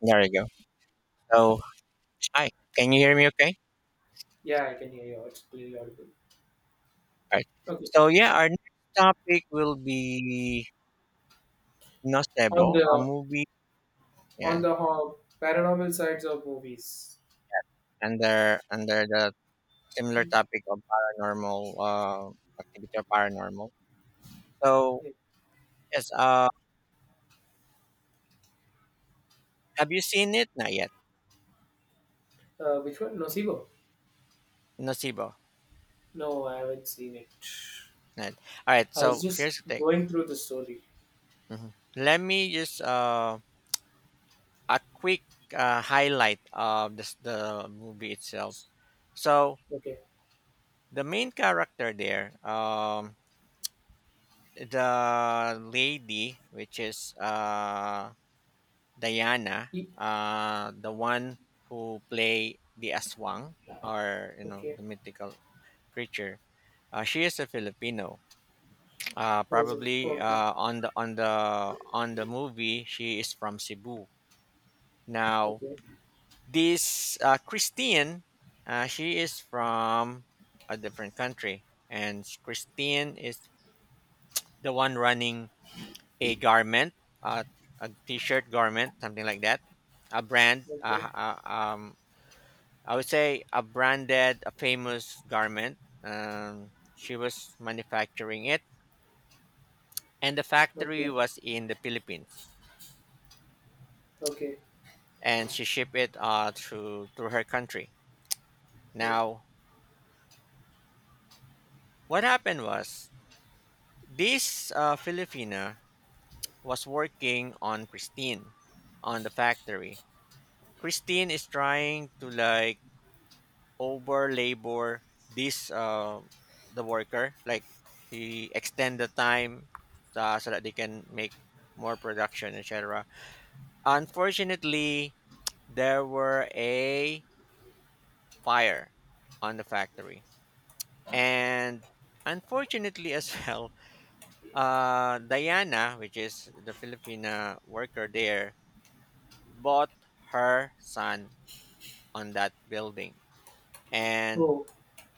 There you go. So, hi, can you hear me okay? Yeah, I can hear you. It's clearly audible. All right. Okay. So, yeah, our next topic will be Nocebo, On a the movie. Yeah, paranormal sides of movies. under the similar topic of paranormal activity or paranormal. So, yes, have you seen it? Not yet. Which one? Nocebo? Nocebo. No, I haven't seen it. Not All right. I was So, just here's the thing. going through the story. Mhm. Let me just a quick highlight of this, the movie itself. So, Okay. the main character there, the lady, which is Diana, E- the one who play the aswang or you know okay. the mythical creature. She is a Filipino. Was it? Probably Okay. On the movie, she is from Cebu. Now Okay. this Christine, she is from a different country, and Christine is the one running a garment, a, a t-shirt garment, something like that. A brand, Okay. I would say a branded, a famous garment. She was manufacturing it, and the factory Okay. was in the Philippines, Okay. and she shipped it through to her country. Mm. Now, what happened was this Filipina was working on Christine on the factory. Christine is trying to like over labor this the worker, like he extend the time so that they can make more production, etc. Unfortunately, there were a fire on the factory, and unfortunately, as well, Diana, which is the Filipina worker there, bought her son on that building, and Oh.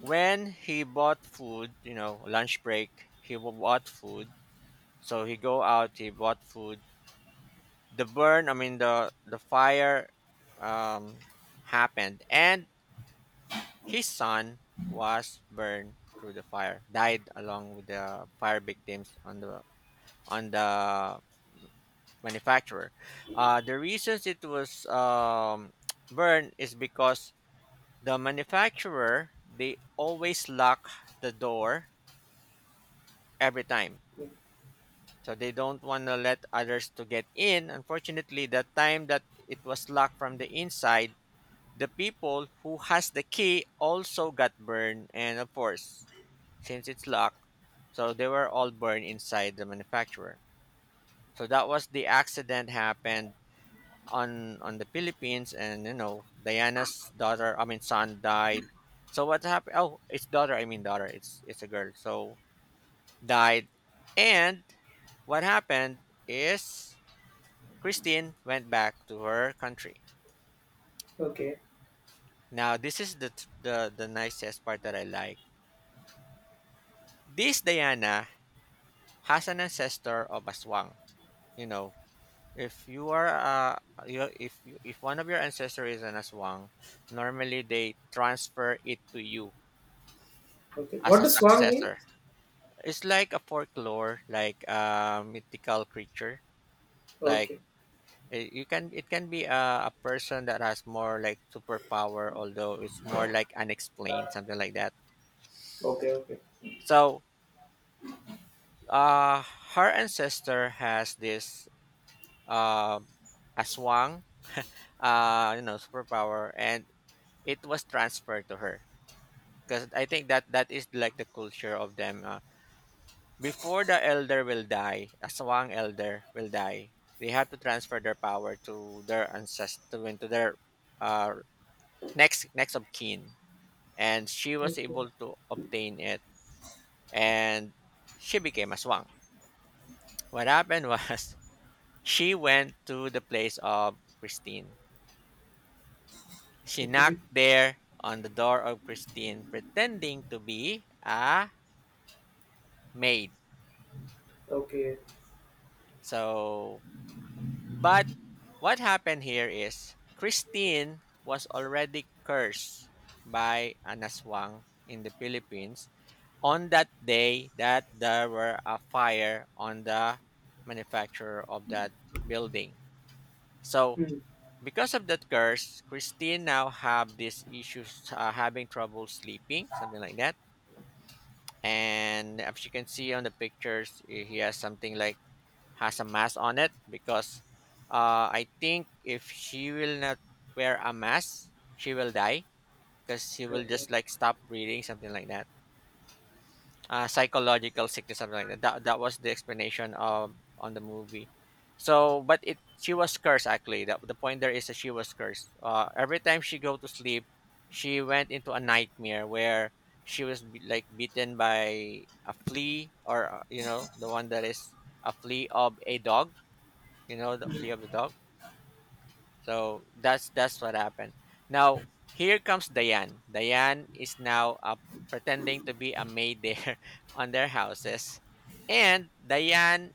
when he bought food, you know, lunch break, bought food. So he go out, he bought food. The burn, I mean the fire, um, happened, and his son was burned through the fire, died along with the fire victims on the on the manufacturer. The reasons it was burned is because the manufacturer, they always lock the door every time, Mm. so they don't want to let others to get in. Unfortunately, the time that it was locked from the inside, the people who has the key also got burned, and of course, since it's locked, so they were all burned inside the manufacturer. So that was the accident happened on the Philippines, and you know Diana's daughter I mean son died. So what happened? Oh, it's daughter, I mean daughter, it's a girl, so died. And what happened is Christine went back to her country. Okay. Now, this is the, the nicest part that I like. This Diana has an ancestor of Aswang. You know, if you are, you, if one of your ancestors is an Aswang, normally they transfer it to you Okay. as What a does swan mean? successor. It's like a folklore, like a mythical creature. Like, Okay. eh, you can, it can be a person that has more like superpower, although it's more like unexplained, something like that. Okay. Okay. So uh, her ancestor has this um, aswang, you know, superpower, and it was transferred to her because I think that that is like the culture of them. Before the elder will die, aswang elder will die. They have to transfer their power to their ancestor, into their uh, next of kin, and she was Okay. able to obtain it, and she became aswang. What happened was she went to the place of Christine. She Okay. knocked there on the door of Christine, pretending to be a maid. Okay. So, but what happened here is Christine was already cursed by an aswang in the Philippines on that day that there were a fire on the manufacturer of that building. So Hmm. because of that curse, Christine now have these issues, having trouble sleeping, something like that. And as you can see on the pictures, eh, he has something like has a mask on it because I think if she will not wear a mask, she will die because she will Okay. just like stop breathing, something like that, psychological sickness, something like that. That that was the explanation of on the movie. So, but it she was cursed actually. That the point there is that she was cursed. Every time she go to sleep, she went into a nightmare where she was be, like beaten by a flea or you know the one that is a flea of a dog. You know the flea of the dog, so that's what happened. Now here comes Diane. Diane is now pretending to be a maid there on their houses, and Diane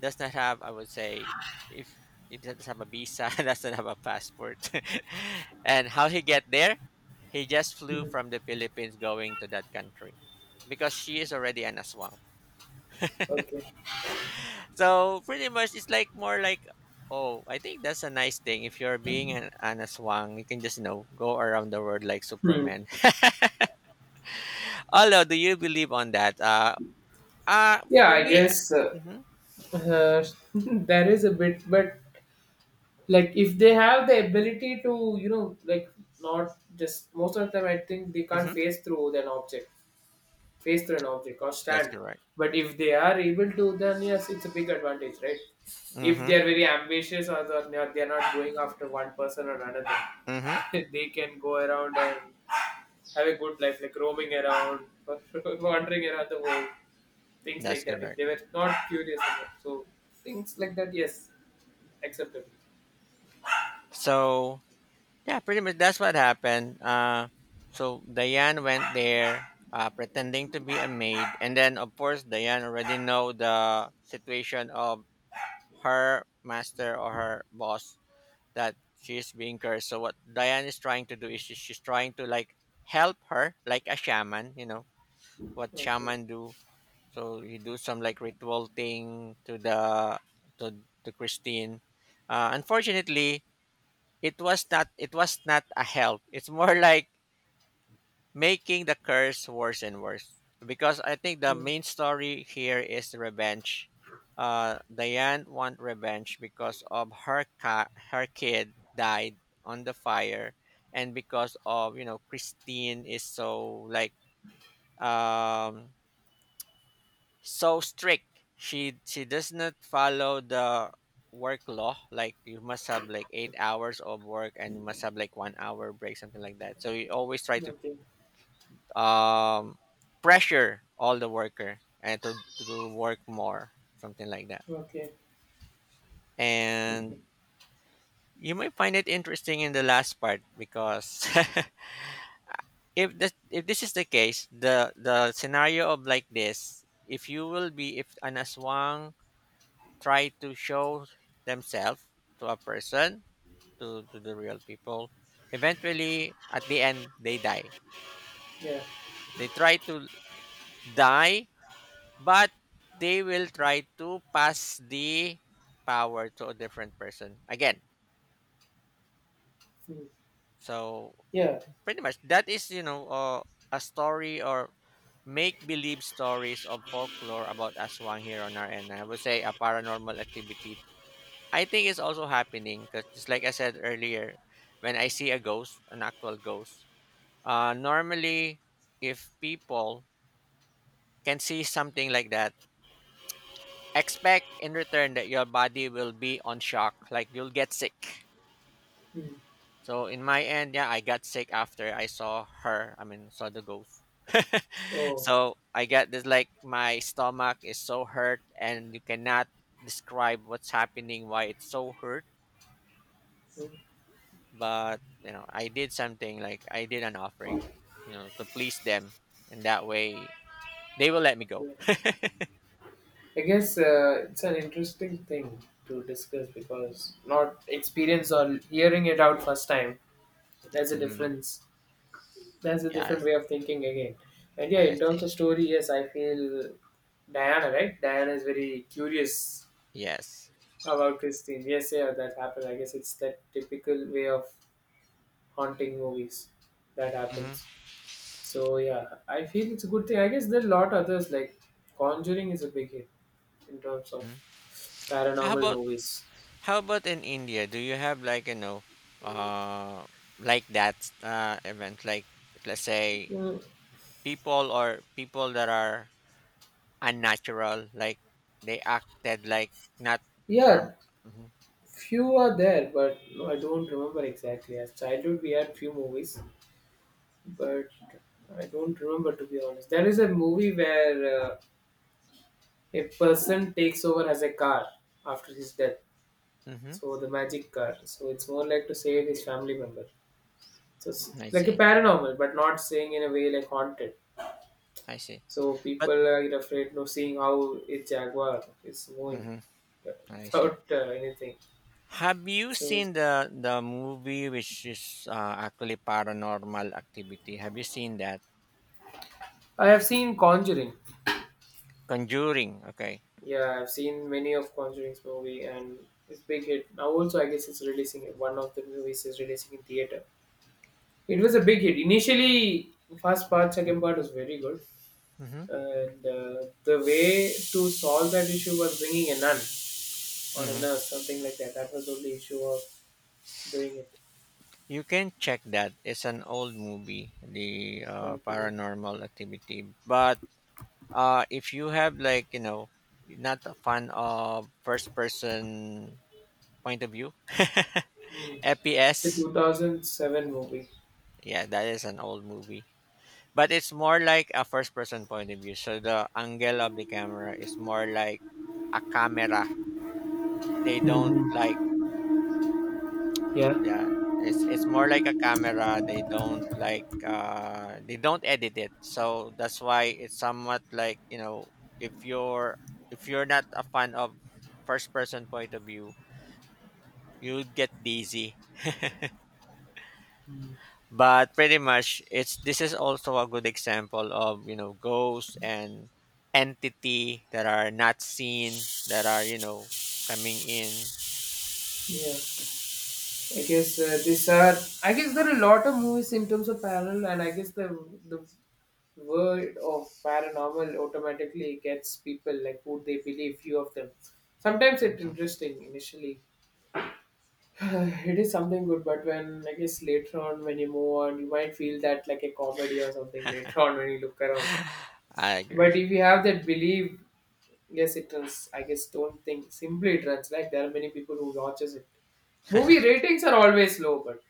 does not have, I would say, if it doesn't have a visa, doesn't have a passport. And how he get there? He just flew Hmm. from the Philippines going to that country because she is already an aswang, Okay. so pretty much it's like more like, oh, I think that's a nice thing. If you're being an aswang, you can just, you know, go around the world like Hmm. Superman. Although, do you believe on that? Yeah, For I me. guess Mm-hmm. uh, there is a bit, but like if they have the ability to, like not just most of the time, I think they can't Mm-hmm. phase through an object, phase through an object or That's stand. correct. But if they are able to, then yes, it's a big advantage, right? If Mm-hmm. they are very ambitious or they're not going after one person or another, Mm-hmm. they can go around and have a good life, like roaming around, wandering around the world, things That's like that, if correct. they were not curious about. So things like that, yes, acceptable. So yeah, pretty much that's what happened. Uh, so Diane went there pretending to be a maid, and then of course Diane already know the situation of her master or her boss, that she is being cursed. So what Diane is trying to do is she's trying to like help her like a shaman, you know, what Okay. shaman do. So you do some like ritual thing to to Christine. Unfortunately, it was not a help. It's more like making the curse worse and worse. Because I think the Mm. main story here is the revenge. Diane want revenge because of her kid died on the fire, and because of you know Christine is so like um so strict. She does not follow the work law, like you must have like 8 hours of work, and you must have like 1 hour break, something like that, so you always try to Okay. um, pressure all the worker, and to work more, something like that. Okay. And Okay. you may find it interesting in the last part because if this is the case, the scenario of like this, if you will be if an aswang try to show themselves to a person, to the real people, eventually at the end they die. Yeah. They try to die. But they will try to pass the power to a different person again. Mm. So Yeah. pretty much that is, you know, a story or make believe stories of folklore about Aswang here on our end. I would say a paranormal activity. I think it's also happening because, just like I said earlier, when I see a ghost, an actual ghost, normally if people can see something like that, expect in return that your body will be on shock, like you'll get sick. Mm. So in my end, yeah, I got sick after I saw her I mean saw the ghost. Oh. So I got this like my stomach is so hurt, and you cannot describe what's happening, why it's so hurt. Mm. But you know I did something, like I did an offering, you know, to please them, and that way they will let me go. Okay. I guess it's an interesting thing to discuss, because not experience or hearing it out first time, there's a Mm, difference. There's a different yes, way of thinking again. And yeah, I in terms of see. story, yes, I feel Diana, right? Diana is very curious Yes. about Christine. Yes, yeah, that happened. I guess it's that typical way of haunting movies that Hmm. happens. So yeah, I feel it's a good thing. I guess there are a lot others like Conjuring is a big hit in terms of how paranormal about movies. How about in India? Do you have like, you know, uh, like that event? Like let's say Mm, people or people that are unnatural, like they acted like not normal. yeah, Mm-hmm. few are there, but no, I don't remember exactly. As childhood, we had few movies, but I don't remember, to be honest. There is a movie where a person takes over as a car after his death. Mm-hmm. So the magic car. So it's more like to save his family member. So it's I like a see. paranormal, but not saying in a way like haunted. I see. So But people are afraid of seeing how a jaguar is moving mm-hmm, I see. without anything. Have you So seen the movie which is actually paranormal activity? Have you seen that I have seen Conjuring. Conjuring? Okay. Yeah, I've seen many of Conjuring's movie, and it's big hit. Now also I guess it's releasing. One of the movies is releasing in theater. It was a big hit. Initially, first part, second part was very good. Mm-hmm. And the way to solve that issue was bringing a nun or a Mm-hmm. nurse, something like that. That was the only issue of doing it. You can check that. It's an old movie, the Okay. Paranormal Activity. But if you have, like you know, not a fan of first person point of view, Hmm. The FPS. 2007 movie. Yeah, that is an old movie. But it's more like a first person point of view. So the angle of the camera is more like a camera. They don't Hmm. like. Yeah. Yeah, it's more like a camera. They don't like, they don't edit it. So that's why it's somewhat like, you know, if you're if you're not a fan of first person point of view, you'd get dizzy. But pretty much it's this is also a good example of, you know, ghosts and entity that are not seen, that are, you know, coming in. Yeah, I guess these are. I guess there are a lot of movies in terms of parallel, and I guess the word of paranormal automatically gets people like who they believe. Few of them. Sometimes it's Mhm. interesting initially, it is something good, but when, I guess, later on, when you move on, you might feel that like a comedy or something later on when you look around. I agree. But if you have that belief, yes, it runs, I guess. Don't think simply it runs, like there are many people who watches it. Movie ratings are always low, but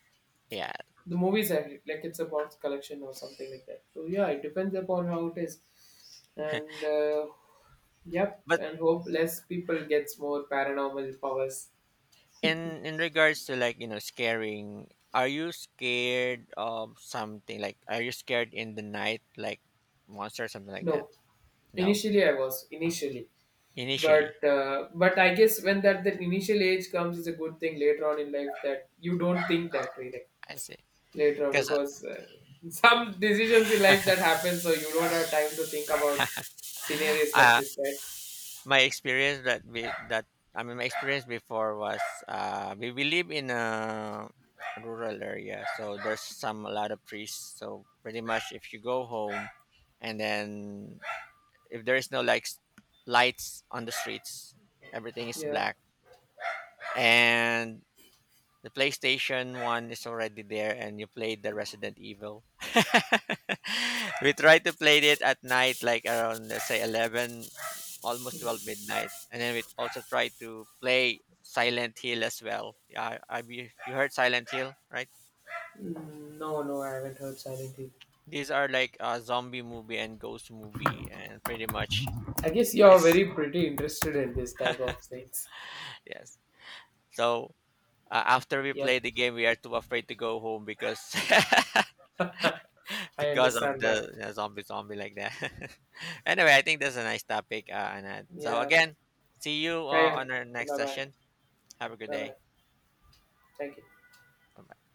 Yeah. the movies are like it's a box collection or something like that. So yeah, it depends upon how it is. And yep, But and hope less people gets more paranormal powers. in regards to, like you know, scaring, are you scared of something, like are you scared in the night like monster or something like No, that? No, initially I was, initially. But initially. But I guess when that initial age comes, it's a good thing later on in life that you don't think that way like, I say, later on, because because some decisions in life that happen, so you don't have time to think about scenarios like uh this, right? my experience that we that my experience before was, we live in a rural area, so there's some a lot of trees, so pretty much if you go home, and then if there is no like lights on the streets, everything is Yeah. black, and the PlayStation One is already there, and you played the Resident Evil. We tried to play it at night, like around let's say 11, almost 12 midnight, and then we also tried to play Silent Hill as well. Yeah, I, you heard Silent Hill, right? Mm, no, no, I haven't heard Silent Hill. These are like a zombie movie and ghost movie, and pretty much I guess you're it's very pretty interested in this type of things. yes. So after we Yep, play the game, we are too afraid to go home because I because of understand the that. Zombie like that. Anyway, I think that's a nice topic, Anand. So Yeah, again, see you carry on. on our Okay, next bye bye. session. Have a good Bye day. bye. Thank you. Bye.